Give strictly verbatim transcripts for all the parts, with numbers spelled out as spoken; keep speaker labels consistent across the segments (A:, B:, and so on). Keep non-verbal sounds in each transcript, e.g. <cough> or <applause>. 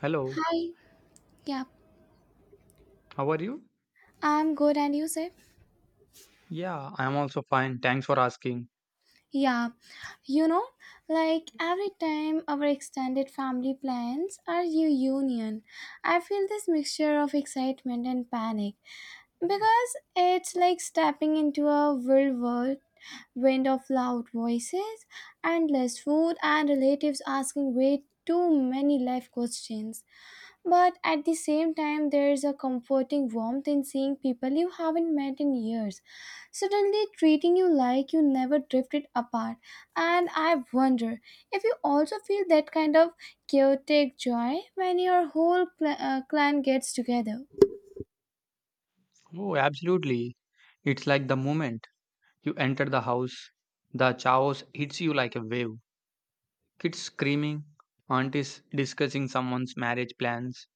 A: Hello,
B: Hi, yeah,
A: how are you?
B: I'm good, and you say?
A: Yeah, I'm also fine. Thanks for asking.
B: Yeah, you know, like every time our extended family plans our reunion, I feel this mixture of excitement and panic because it's like stepping into a whirlwind wind of loud voices, endless food, and relatives asking way too many life questions. But at the same time, there is a comforting warmth in seeing people you haven't met in years suddenly treating you like you never drifted apart. And I wonder if you also feel that kind of chaotic joy when your whole cl- uh, clan gets together.
A: Oh, absolutely. It's like the moment you enter the house, the chaos hits you like a wave. Kids screaming, aunties discussing someone's marriage plans,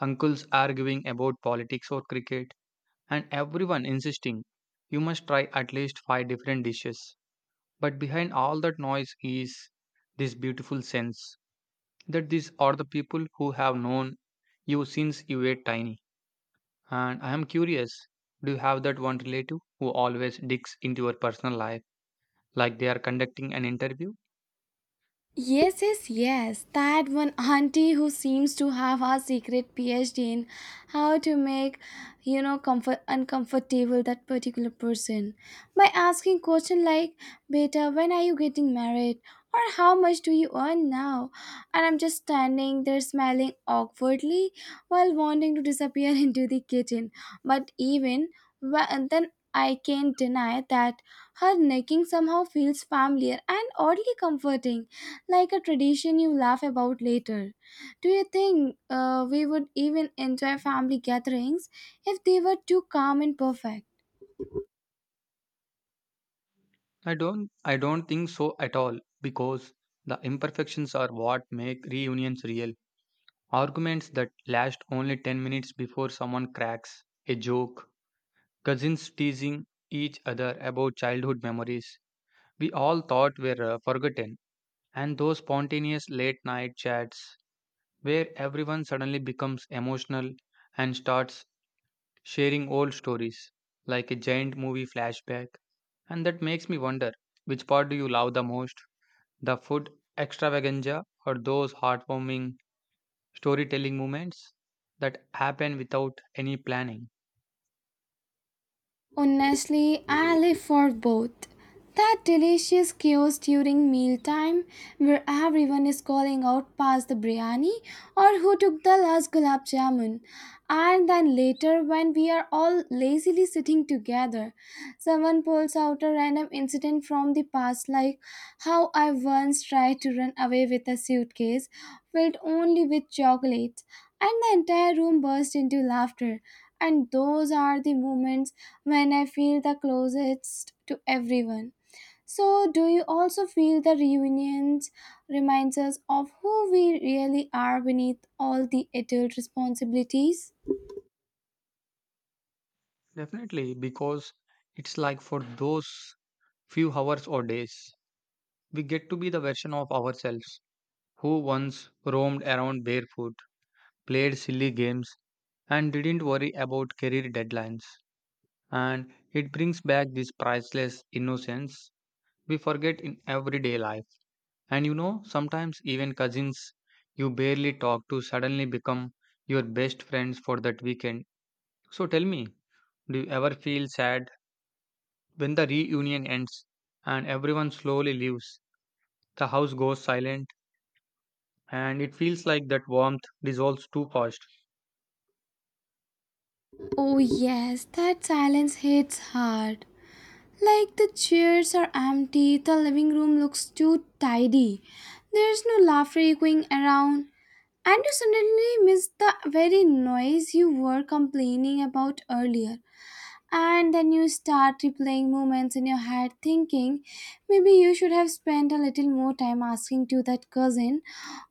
A: uncles arguing about politics or cricket, and everyone insisting you must try at least five different dishes. But behind all that noise is this beautiful sense that these are the people who have known you since you were tiny. And I am curious, do you have that one relative who always digs into your personal life like they are conducting an interview?
B: Yes, yes, yes. That one auntie who seems to have her secret PhD in how to make, you know, comfort uncomfortable that particular person by asking question like, "Beta, when are you getting married?" or "How much do you earn now?" And I'm just standing there smiling awkwardly while wanting to disappear <laughs> into the kitchen. But even wh- and then, I can't deny that her necking somehow feels familiar and oddly comforting like a tradition you laugh about later. Do you think uh, we would even enjoy family gatherings if they were too calm and perfect?
A: I don't I don't think so at all because the imperfections are what make reunions real. Arguments that last only ten minutes before someone cracks a joke, cousins teasing each other about childhood memories we all thought were uh, forgotten, and those spontaneous late night chats where everyone suddenly becomes emotional and starts sharing old stories like a giant movie flashback. And that makes me wonder, which part do you love the most? The food extravaganza or those heartwarming storytelling moments that happen without any planning?
B: Honestly, I live for both. That delicious chaos during mealtime where everyone is calling out past the biryani or who took the last gulab jamun. And then later when we are all lazily sitting together, someone pulls out a random incident from the past like how I once tried to run away with a suitcase filled only with chocolates and the entire room burst into laughter. And those are the moments when I feel the closest to everyone. So, do you also feel the reunions reminds us of who we really are beneath all the adult responsibilities?
A: Definitely, because it's like for those few hours or days, we get to be the version of ourselves who once roamed around barefoot, played silly games, and didn't worry about career deadlines. And it brings back this priceless innocence we forget in everyday life. And you know, sometimes even cousins you barely talk to suddenly become your best friends for that weekend. So tell me, do you ever feel sad when the reunion ends and everyone slowly leaves? The house goes silent and it feels like that warmth dissolves too fast.
B: Oh, yes, that silence hits hard. Like the chairs are empty, the living room looks too tidy. There's no laughter echoing around, and you suddenly miss the very noise you were complaining about earlier. And then you start replaying moments in your head, thinking maybe you should have spent a little more time asking to that cousin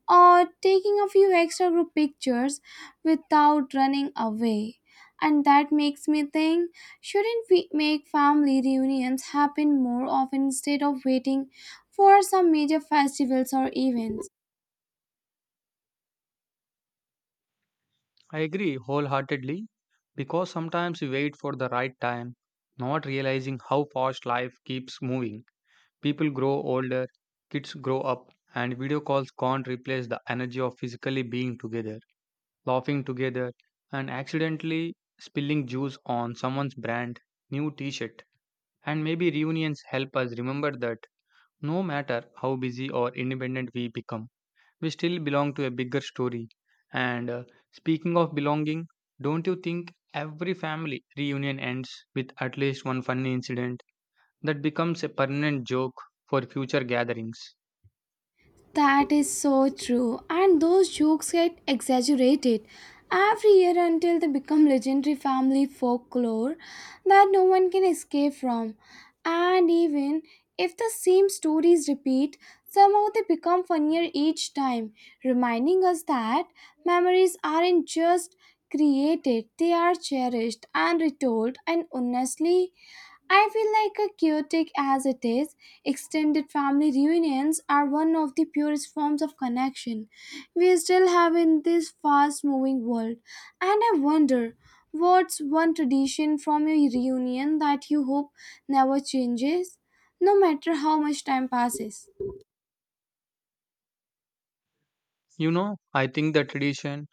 B: or taking a few extra group pictures without running away. And that makes me think shouldn't we make family reunions happen more often instead of waiting for some major festivals or events?
A: I agree wholeheartedly because sometimes we wait for the right time, not realizing how fast life keeps moving. People grow older, kids grow up, and video calls can't replace the energy of physically being together, laughing together, and accidentally spilling juice on someone's brand new t shirt. And maybe reunions help us remember that no matter how busy or independent we become, we still belong to a bigger story. And uh, speaking of belonging, don't you think every family reunion ends with at least one funny incident that becomes a permanent joke for future gatherings?
B: That is so true, and those jokes get exaggerated every year until they become legendary family folklore that no one can escape from. And even if the same stories repeat, somehow they become funnier each time, reminding us that memories aren't just created, they are cherished and retold, and honestly, I feel like a chaotic as it is, extended family reunions are one of the purest forms of connection we still have in this fast moving world. And I wonder, what's one tradition from your reunion that you hope never changes, no matter how much time passes?
A: You know, I think the tradition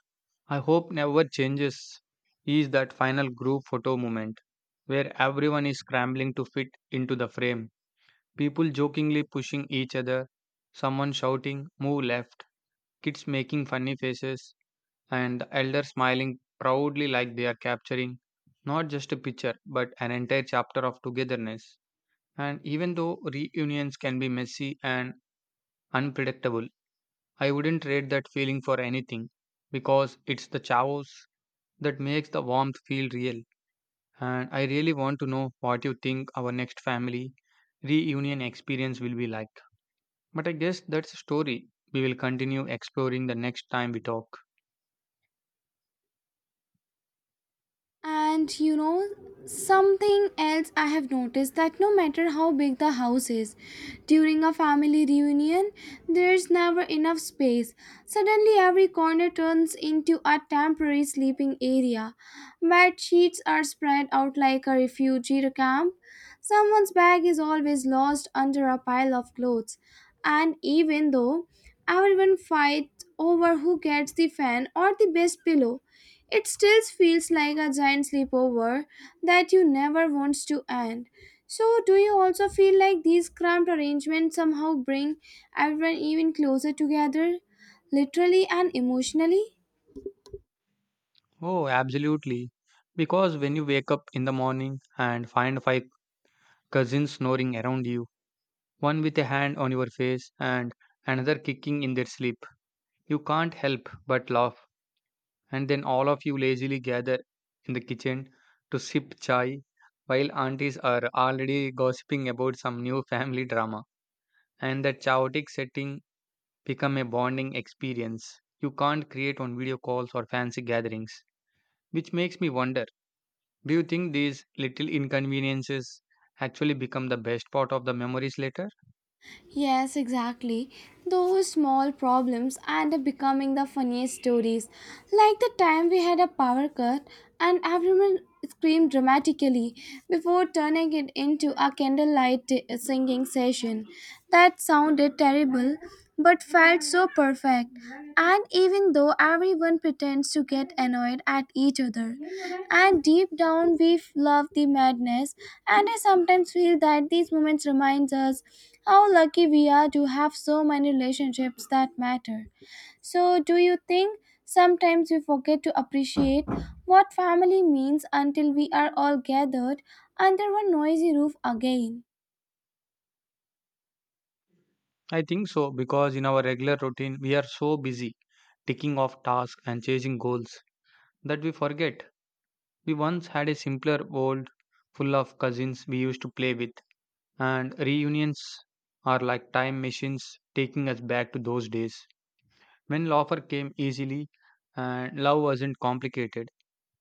A: I hope never changes is that final group photo moment where everyone is scrambling to fit into the frame. People jokingly pushing each other, someone shouting, "Move left," kids making funny faces, and the elder smiling proudly like they are capturing not just a picture but an entire chapter of togetherness. And even though reunions can be messy and unpredictable, I wouldn't trade that feeling for anything because it's the chaos that makes the warmth feel real. And I really want to know what you think our next family reunion experience will be like. But I guess that's a story we will continue exploring the next time we talk.
B: And you know, something else I have noticed that no matter how big the house is, during a family reunion, there's never enough space. Suddenly, every corner turns into a temporary sleeping area. Bed sheets are spread out like a refugee camp. Someone's bag is always lost under a pile of clothes. And even though everyone fights over who gets the fan or the best pillow, it still feels like a giant sleepover that you never wants to end. So, do you also feel like these cramped arrangements somehow bring everyone even closer together, literally and emotionally?
A: Oh, absolutely. Because when you wake up in the morning and find five cousins snoring around you, one with a hand on your face and another kicking in their sleep, you can't help but laugh, and then all of you lazily gather in the kitchen to sip chai while aunties are already gossiping about some new <laughs> family drama. And that chaotic setting become a bonding experience you can't create on video calls or fancy gatherings. Which makes me wonder, do you think these little inconveniences actually become the best part of the memories later?
B: Yes, exactly. Those small problems end up becoming the funniest stories. Like the time we had a power cut and everyone screamed dramatically before turning it into a candlelight t- singing session. That sounded terrible, but felt so perfect. And even though everyone pretends to get annoyed at each other, and deep down we f- love the madness, and I sometimes feel that these moments reminds us how lucky we are to have so many relationships that matter. So, do you think sometimes we forget to appreciate what family means until we are all gathered under one noisy roof again?
A: I think so, because in our regular routine we are so busy ticking off tasks and chasing goals that we forget we once had a simpler world full of cousins we used to play with, and reunions are like time machines taking us back to those days when laughter came easily and love wasn't complicated.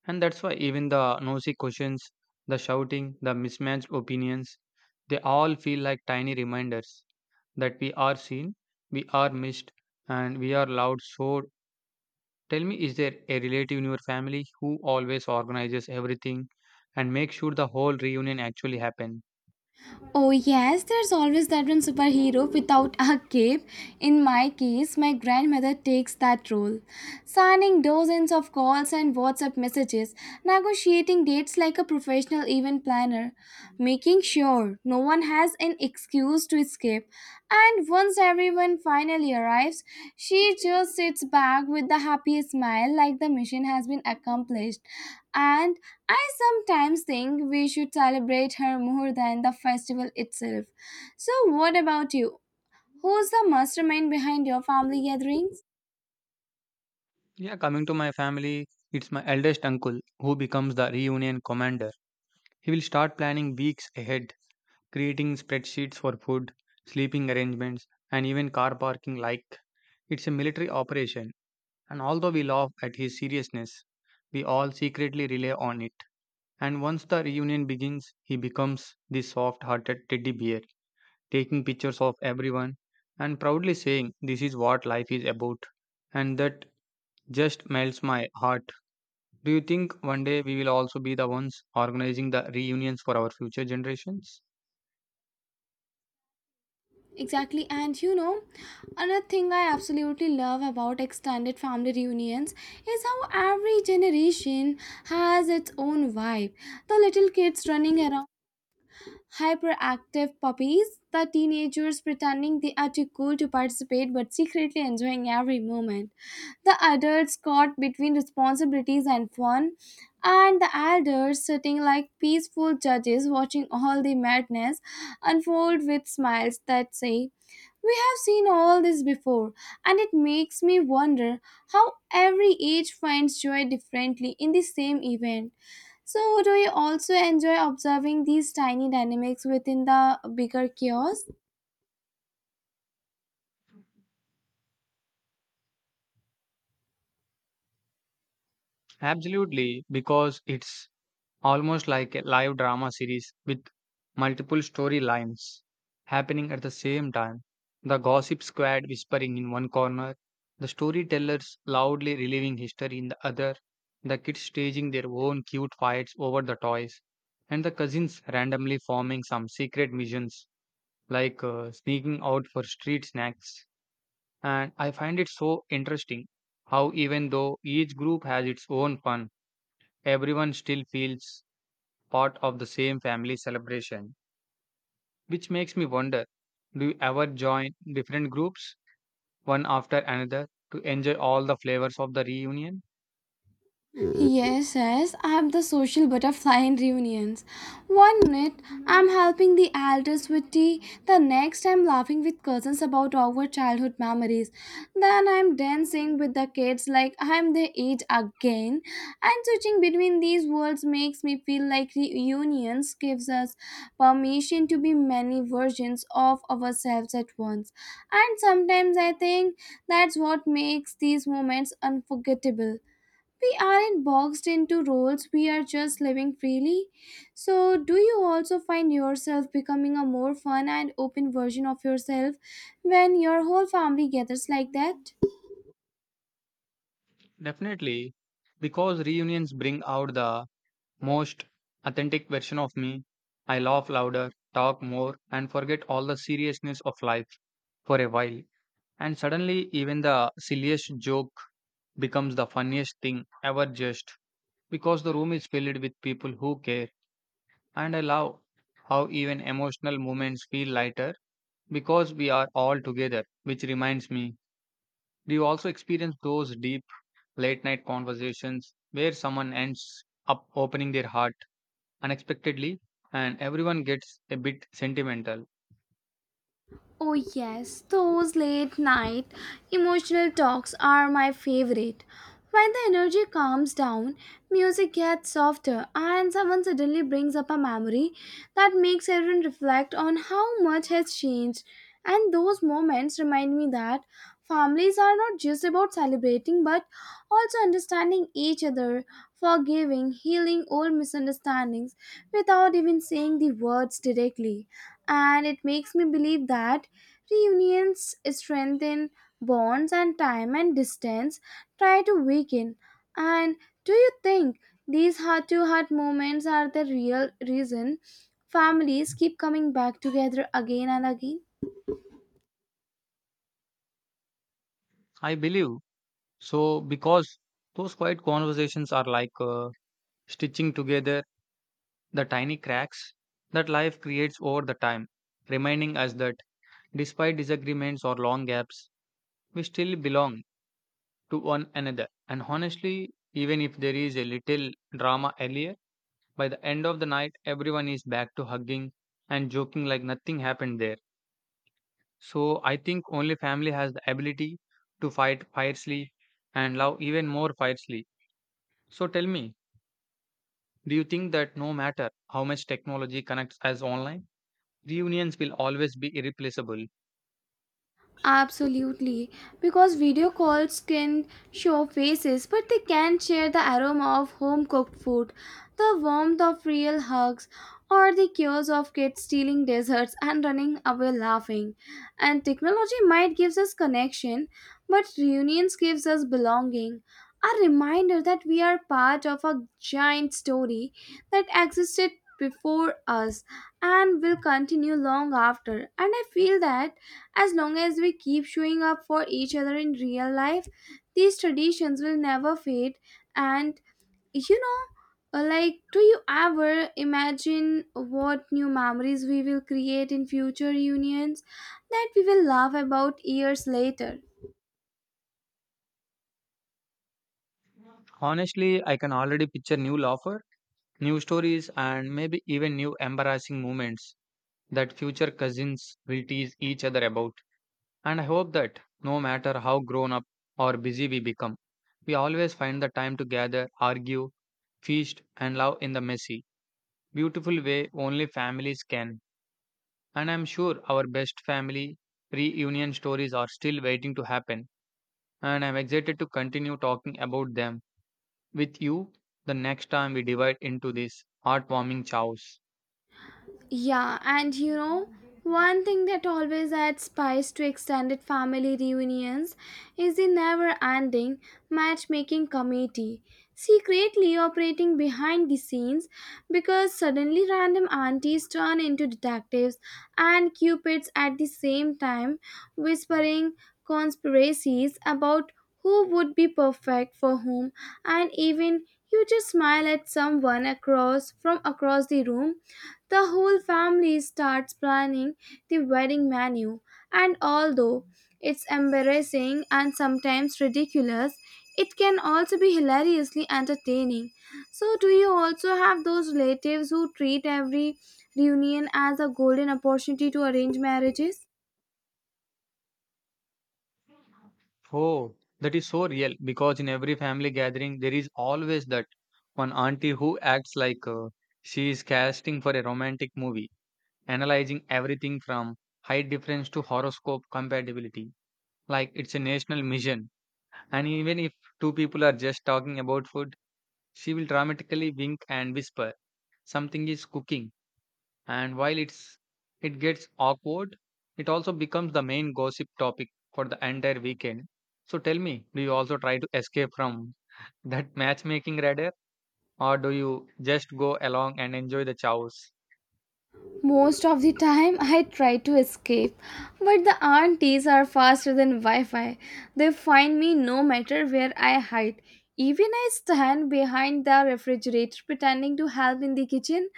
A: And that's why even the nosy questions, the shouting, the mismatched opinions, they all feel like tiny reminders that we are seen, we are missed, and we are loved. So tell me, is there a relative in your family who always organizes everything and makes sure the whole reunion actually happen?
B: Oh, yes, there's always that one superhero without a cape. In my case, my grandmother takes that role, signing dozens of calls and WhatsApp messages, negotiating dates like a professional event planner, making sure no one has an excuse to escape. And once everyone finally arrives, she just sits back with the happiest smile like the mission has been accomplished. And I sometimes think we should celebrate her more than the festival itself. So, what about you? Who's the mastermind behind your family gatherings?
A: Yeah, coming to my family, it's my eldest uncle who becomes the reunion commander. He will start planning weeks ahead, creating spreadsheets for food, sleeping arrangements, and even car parking like it's a military operation. And although we laugh at his seriousness, we all secretly rely on it. And once the reunion begins, he becomes the soft hearted teddy bear, taking pictures of everyone and proudly saying, "This is what life is about." And that just melts my heart. Do you think one day we will also be the ones organizing the reunions for our future generations?
B: Exactly, and you know, another thing I absolutely love about extended family reunions is how every generation has its own vibe. The little kids running around hyperactive puppies, the teenagers pretending they are too cool to participate but secretly enjoying every moment. The adults caught between responsibilities and fun, and the elders sitting like peaceful judges watching all the madness unfold with smiles that say, "We have seen all this before," and it makes me wonder how every age finds joy differently in the same event. So, do you also enjoy observing these tiny dynamics within the bigger chaos?
A: Absolutely, because it's almost like a live drama series with multiple storylines happening at the same time. The gossip squad whispering in one corner, the storytellers loudly reliving history in the other, the kids staging their own cute fights over the toys, and the cousins randomly forming some secret missions like uh, sneaking out for street snacks. And I find it so interesting how, even though each group has its own fun, everyone still feels part of the same family celebration, which makes me wonder, do you ever join different groups, one after another, to enjoy all the flavors of the reunion?
B: Yes, yes, I'm the social butterfly in reunions. One minute I'm helping the elders with tea, the next I'm laughing with cousins about our childhood memories. Then I'm dancing with the kids like I'm their age again. And switching between these worlds makes me feel like reunions gives us permission to be many versions of ourselves at once. And sometimes I think that's what makes these moments unforgettable. We aren't boxed into roles, we are just living freely. So, do you also find yourself becoming a more fun and open version of yourself when your whole family gathers like that?
A: Definitely, because reunions bring out the most authentic version of me. I laugh louder, talk more, and forget all the seriousness of life for a while. And suddenly, even the silliest joke becomes the funniest thing ever, just because the room is filled with people who care. And I love how even emotional moments feel lighter because we are all together, which reminds me, do you also experience those deep late night conversations where someone ends up opening their heart unexpectedly and everyone gets a bit sentimental?
B: Oh, yes, those late night emotional talks are my favorite. When the energy calms down, music gets softer, and someone suddenly brings up a memory that makes everyone reflect on how much has changed. And those moments remind me that families are not just about celebrating but also understanding each other, forgiving, healing old misunderstandings without even saying the words directly, and it makes me believe that reunions strengthen bonds and time and distance try to weaken. And do you think these heart to heart moments are the real reason families keep coming back together again and again?
A: I believe so, because those quiet conversations are like uh, stitching together the tiny cracks that life creates over the time, reminding us that despite disagreements or long gaps, we still belong to one another. And honestly, even if there is a little drama earlier, by the end of the night, everyone is back to hugging and joking like nothing happened there. So I think only family has the ability to fight fiercely and love even more fiercely. So tell me, do you think that no matter how much technology connects us online, reunions will always be irreplaceable?
B: Absolutely, because video calls can show faces, but they can't share the aroma of home cooked food, the warmth of real hugs, or the chaos of kids stealing desserts and running away laughing. And technology might gives us connection, but reunions gives us belonging. A reminder that we are part of a giant story that existed before us and will continue long after. And I feel that as long as we keep showing up for each other in real life, these traditions will never fade. And you know, uh, like, do you ever imagine what new memories we will create in future unions that we will laugh about years later?
A: Honestly, I can already picture new laughter, new stories, and maybe even new embarrassing moments that future cousins will tease each other about. And I hope that no matter how grown up or busy we become, we always find the time to gather, argue, feast, and love in the messy, beautiful way only families can. And I'm sure our best family reunion stories are still waiting to happen. And I'm excited to continue talking about them with you the next time we divide into these heartwarming chows.
B: Yeah, and you know, one thing that always adds spice to extended family reunions is the never ending matchmaking committee, secretly operating behind the scenes because suddenly random aunties turn into detectives and cupids at the same time, whispering conspiracies about who would be perfect for whom, and even you just smile at someone across from across the room, the whole family starts planning the wedding menu, and although it's embarrassing and sometimes ridiculous, it can also be hilariously entertaining. So, do you also have those relatives who treat every reunion as a golden opportunity to arrange marriages?
A: Oh, that is so real, because in every family gathering, there is always that one auntie who acts like uh, she is casting for a romantic movie, analyzing everything from height difference to horoscope compatibility. Like it's a national mission. And even if two people are just talking about food, she will dramatically wink and whisper something is cooking. And while it's it gets awkward, it also becomes the main gossip topic for the entire weekend. So tell me, do you also try to escape from that matchmaking radar, or do you just go along and enjoy the chows?
B: Most of the time, I try to escape, but the aunties are faster than Wi Fi. They find me no matter where I hide. Even I stand behind the refrigerator pretending to help in the kitchen,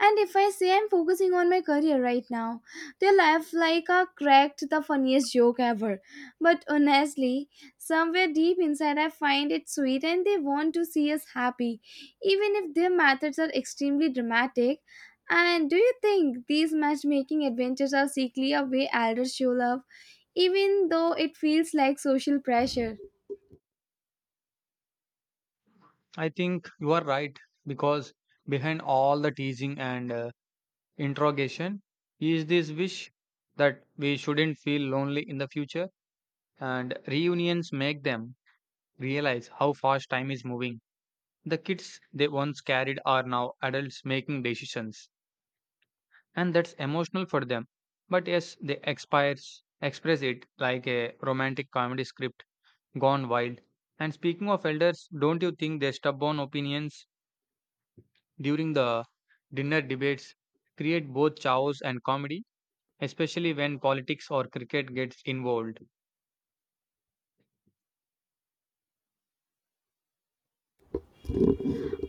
B: and if I say I'm focusing on my career right now, they laugh like I cracked the funniest joke ever. But honestly, somewhere deep inside, I find it sweet and they want to see us happy. Even if their methods are extremely dramatic, and do you think these matchmaking adventures are secretly a way elders show love, even though it feels like social pressure?
A: I think you are right, because behind all the teasing and uh, interrogation is this wish that we shouldn't feel lonely in the future, and reunions make them realize how fast time is moving. The kids they once carried are now adults making decisions, and that's emotional for them. But yes, they expires, express it like a romantic comedy script gone wild. And speaking of elders, don't you think their stubborn opinions during the dinner debates create both chaos and comedy, especially when politics or cricket gets involved?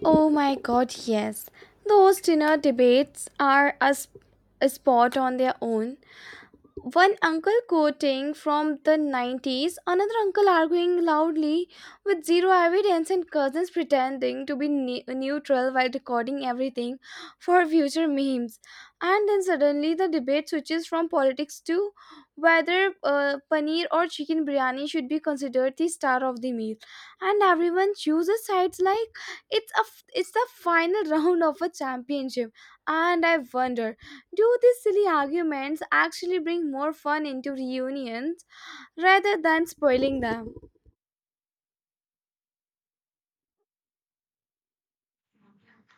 B: Oh my god, yes. Those dinner debates are a, sp- a sport on their own. One uncle quoting from the nineties, another uncle arguing loudly with zero evidence, and cousins pretending to be ne- neutral while recording everything for future memes. And then suddenly the debate switches from politics to whether uh, paneer or chicken biryani should be considered the star of the meal. And everyone chooses sides like it's a f- it's the final <laughs> round of a championship. And I wonder, do these silly arguments actually bring more fun into reunions rather than spoiling them?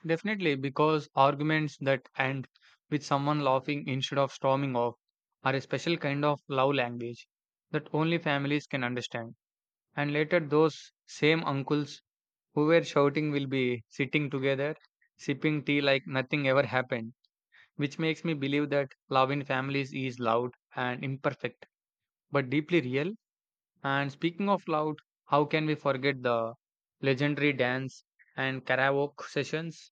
A: Definitely, because arguments that end with someone laughing instead of storming off are a special kind of love language that only families can understand. And later, those same uncles who were shouting will be sitting together, sipping tea like nothing ever happened, which makes me believe that love in families is loud and imperfect, but deeply real. And speaking of loud, how can we forget the legendary dance and karaoke sessions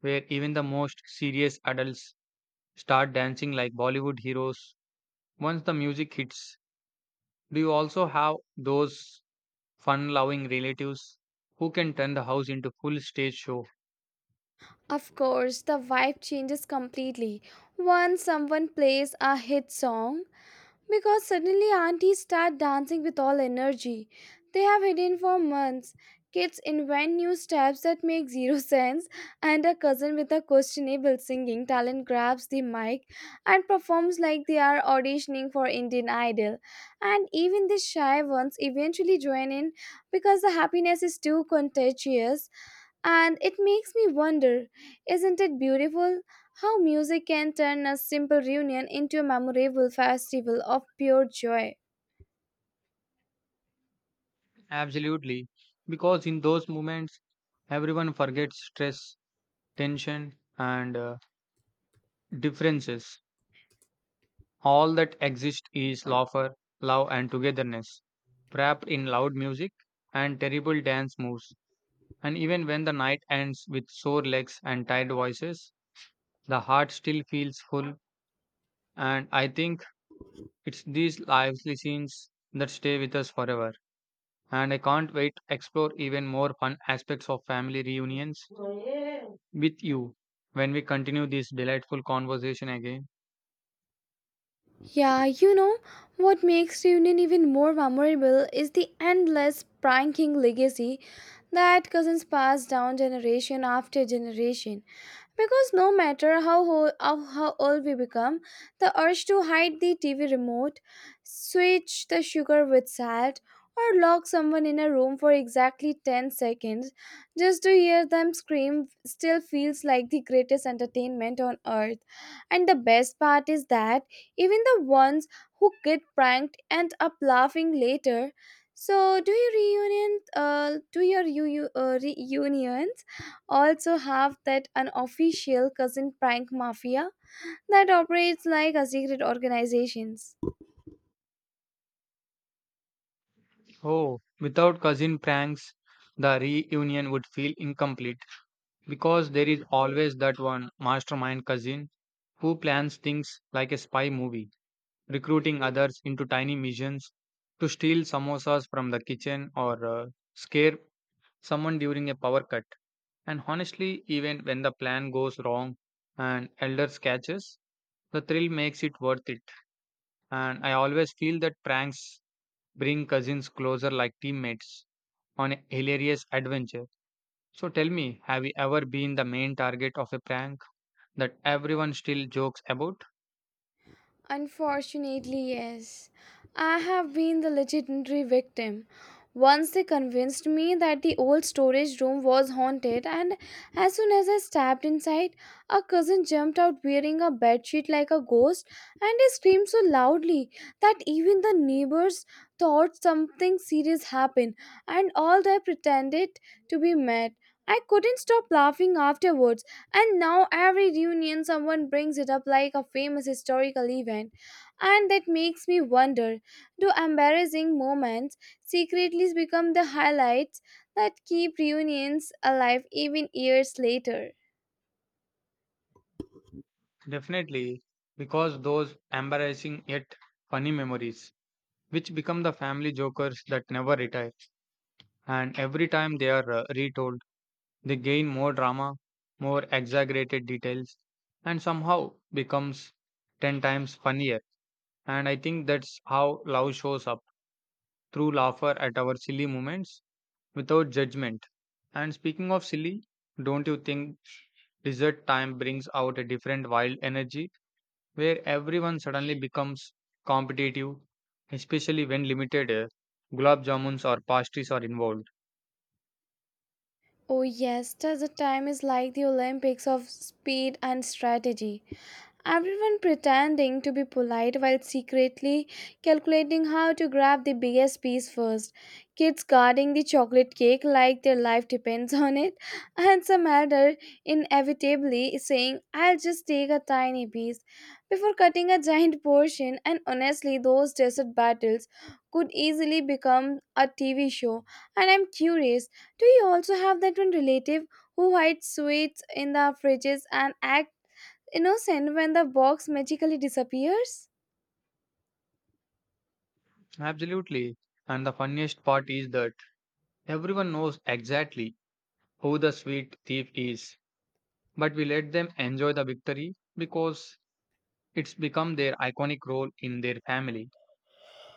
A: where even the most serious adults start dancing like Bollywood heroes once the music hits? Do you also have those fun loving relatives who can turn the house into full stage show?
B: Of course, the vibe changes completely once someone plays a hit song. Because suddenly aunties start dancing with all energy they have hidden for months. Kids invent new steps that make zero <laughs> sense, and a cousin with a questionable singing talent grabs the mic and performs like they are auditioning for Indian Idol. And even the shy ones eventually join in because the happiness is too contagious. And it makes me wonder, isn't it beautiful how music can turn a simple reunion into a memorable festival of pure joy?
A: Absolutely, because in those moments everyone forgets stress, tension, and uh, differences. All that exists is laughter, love, and togetherness wrapped in loud music and terrible dance moves. And even when the night ends with sore legs and tired voices, the heart still feels full. And I think it's these lively scenes that stay with us forever. And I can't wait to explore even more fun aspects of family reunions with you when we continue this delightful conversation again.
B: Yeah, you know, what makes Reunion even more memorable is the endless pranking legacy that cousins pass down generation after generation. Because no matter how, ho- how, how old we become, the urge to hide the T V remote, switch the sugar with salt, or lock someone in a room for exactly ten seconds just to hear them scream still feels like the greatest entertainment on earth. And the best part is that even the ones who get pranked end up laughing later. So, do your reunions, uh, do your you, you, uh, reunions also have that unofficial cousin prank mafia that operates like a secret organizations?
A: Oh, without cousin pranks, the reunion would feel incomplete, because there is always that one mastermind cousin who plans things like a spy movie, recruiting others into tiny missions to steal samosas from the kitchen or uh, scare someone during a power cut. And honestly, even when the plan goes wrong and elders catches, the thrill makes it worth it. And I always feel that pranks bring cousins closer like teammates on a hilarious adventure. So tell me, have you ever been the main target of a prank that everyone still jokes about?
B: Unfortunately, yes. I have been the legendary victim. Once they convinced me that the old storage room was haunted, and as soon as I stepped inside, a cousin jumped out wearing a bedsheet like a ghost, and he screamed so loudly that even the neighbors thought something serious happened, and all they pretended to be mad. I couldn't stop laughing afterwards. And now every reunion someone brings it up like a famous historical event. And that makes me wonder, do embarrassing moments secretly become the highlights that keep reunions alive even years later?
A: Definitely, because those embarrassing yet funny memories, which become the family jokers that never retire. And every time they are uh, retold, they gain more drama, more exaggerated details, and somehow becomes ten times funnier. And I think that's how love shows up, through laughter at our silly moments without judgment. And speaking of silly, don't you think dessert time brings out a different wild energy, where everyone suddenly becomes competitive, especially when limited uh, gulab jamuns or pastries are involved?
B: Oh, yes, just the time is like the Olympics of speed and strategy. Everyone pretending to be polite while secretly calculating how to grab the biggest piece first. Kids guarding the chocolate cake like their life depends on it, <laughs> and some elder inevitably saying, I'll just take a tiny piece before cutting a giant portion. And honestly, those desert battles could easily become a T V show. And I'm curious, do you also have that one relative who hides sweets in the fridges and acts innocent when the box magically disappears?
A: Absolutely. And the funniest part is that everyone knows exactly who the sweet thief is, but we let them enjoy the victory because it's become their iconic role in their family.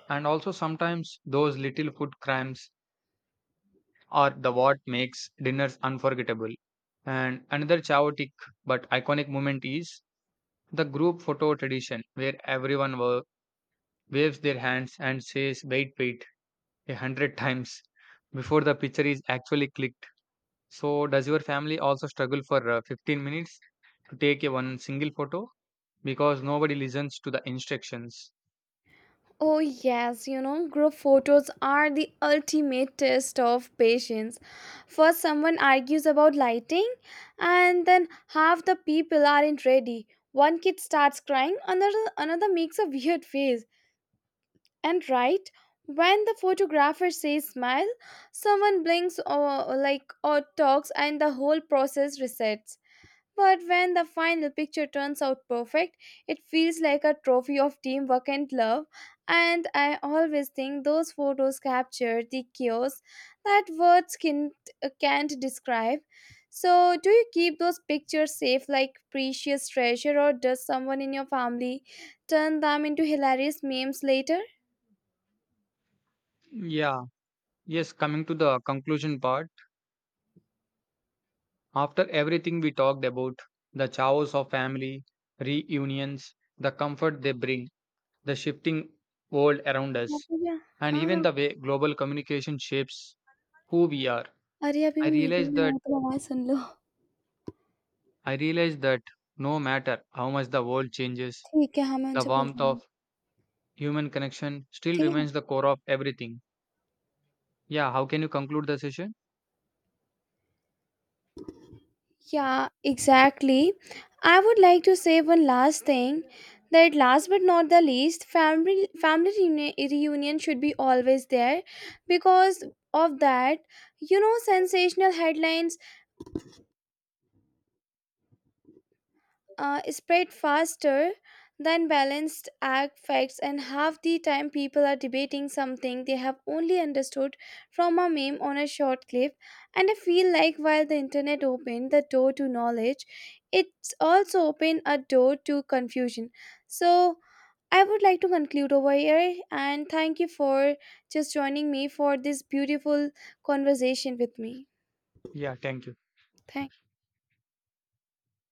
A: And also, sometimes those little food crimes are the what makes dinners unforgettable. And another chaotic but iconic moment is the group photo tradition, where everyone wa- waves their hands and says, "wait, wait," a hundred times before the picture is actually clicked. So, does your family also struggle for uh, fifteen minutes to take a one single photo? Because nobody listens to the instructions.
B: Oh, yes, you know, group photos are the ultimate test of patience. First, someone argues about lighting, and then half the people aren't ready. One kid starts crying, another, another makes a weird face. And right when the photographer says smile, someone blinks or like or talks and the whole process resets. But when the final picture turns out perfect, it feels like a trophy of teamwork and love. And I always think those photos capture the chaos that words can, can't describe. So, do you keep those pictures safe like precious treasure, or does someone in your family turn them into hilarious memes later?
A: Yeah, yes, coming to the conclusion part, after everything we talked about, the chaos of family, reunions, the comfort they bring, the shifting world around
B: आप
A: us,
B: मुझे
A: and
B: हाँ,
A: even
B: हाँ,
A: the way global communication shapes who we are.
B: अरे अभी
A: I
B: मैं
A: realize
B: meeting में
A: that
B: हूँ, तो तुम आवाज़ सुन लो।
A: I realize that no matter how much the world changes,
B: ठीक है, हाँ, मैं
A: the
B: उनसे बोल
A: warmth
B: रहा हूँ,
A: of human connection still
B: ठीक है?
A: remains the core of everything. Yeah, how can you conclude the session?
B: Yeah, exactly. I would like to say one last thing that last but not the least, family family reuni- reunion should be always there because of that, you know, sensational headlines uh, spread faster than balanced act facts, and half the time people are debating something they have only understood from a meme on a short clip. And I feel like while the internet opened the door to knowledge, it's also opened a door to confusion. So I would like to conclude over here and thank you for just joining me for this beautiful conversation with me.
A: Yeah, thank you.
B: Thank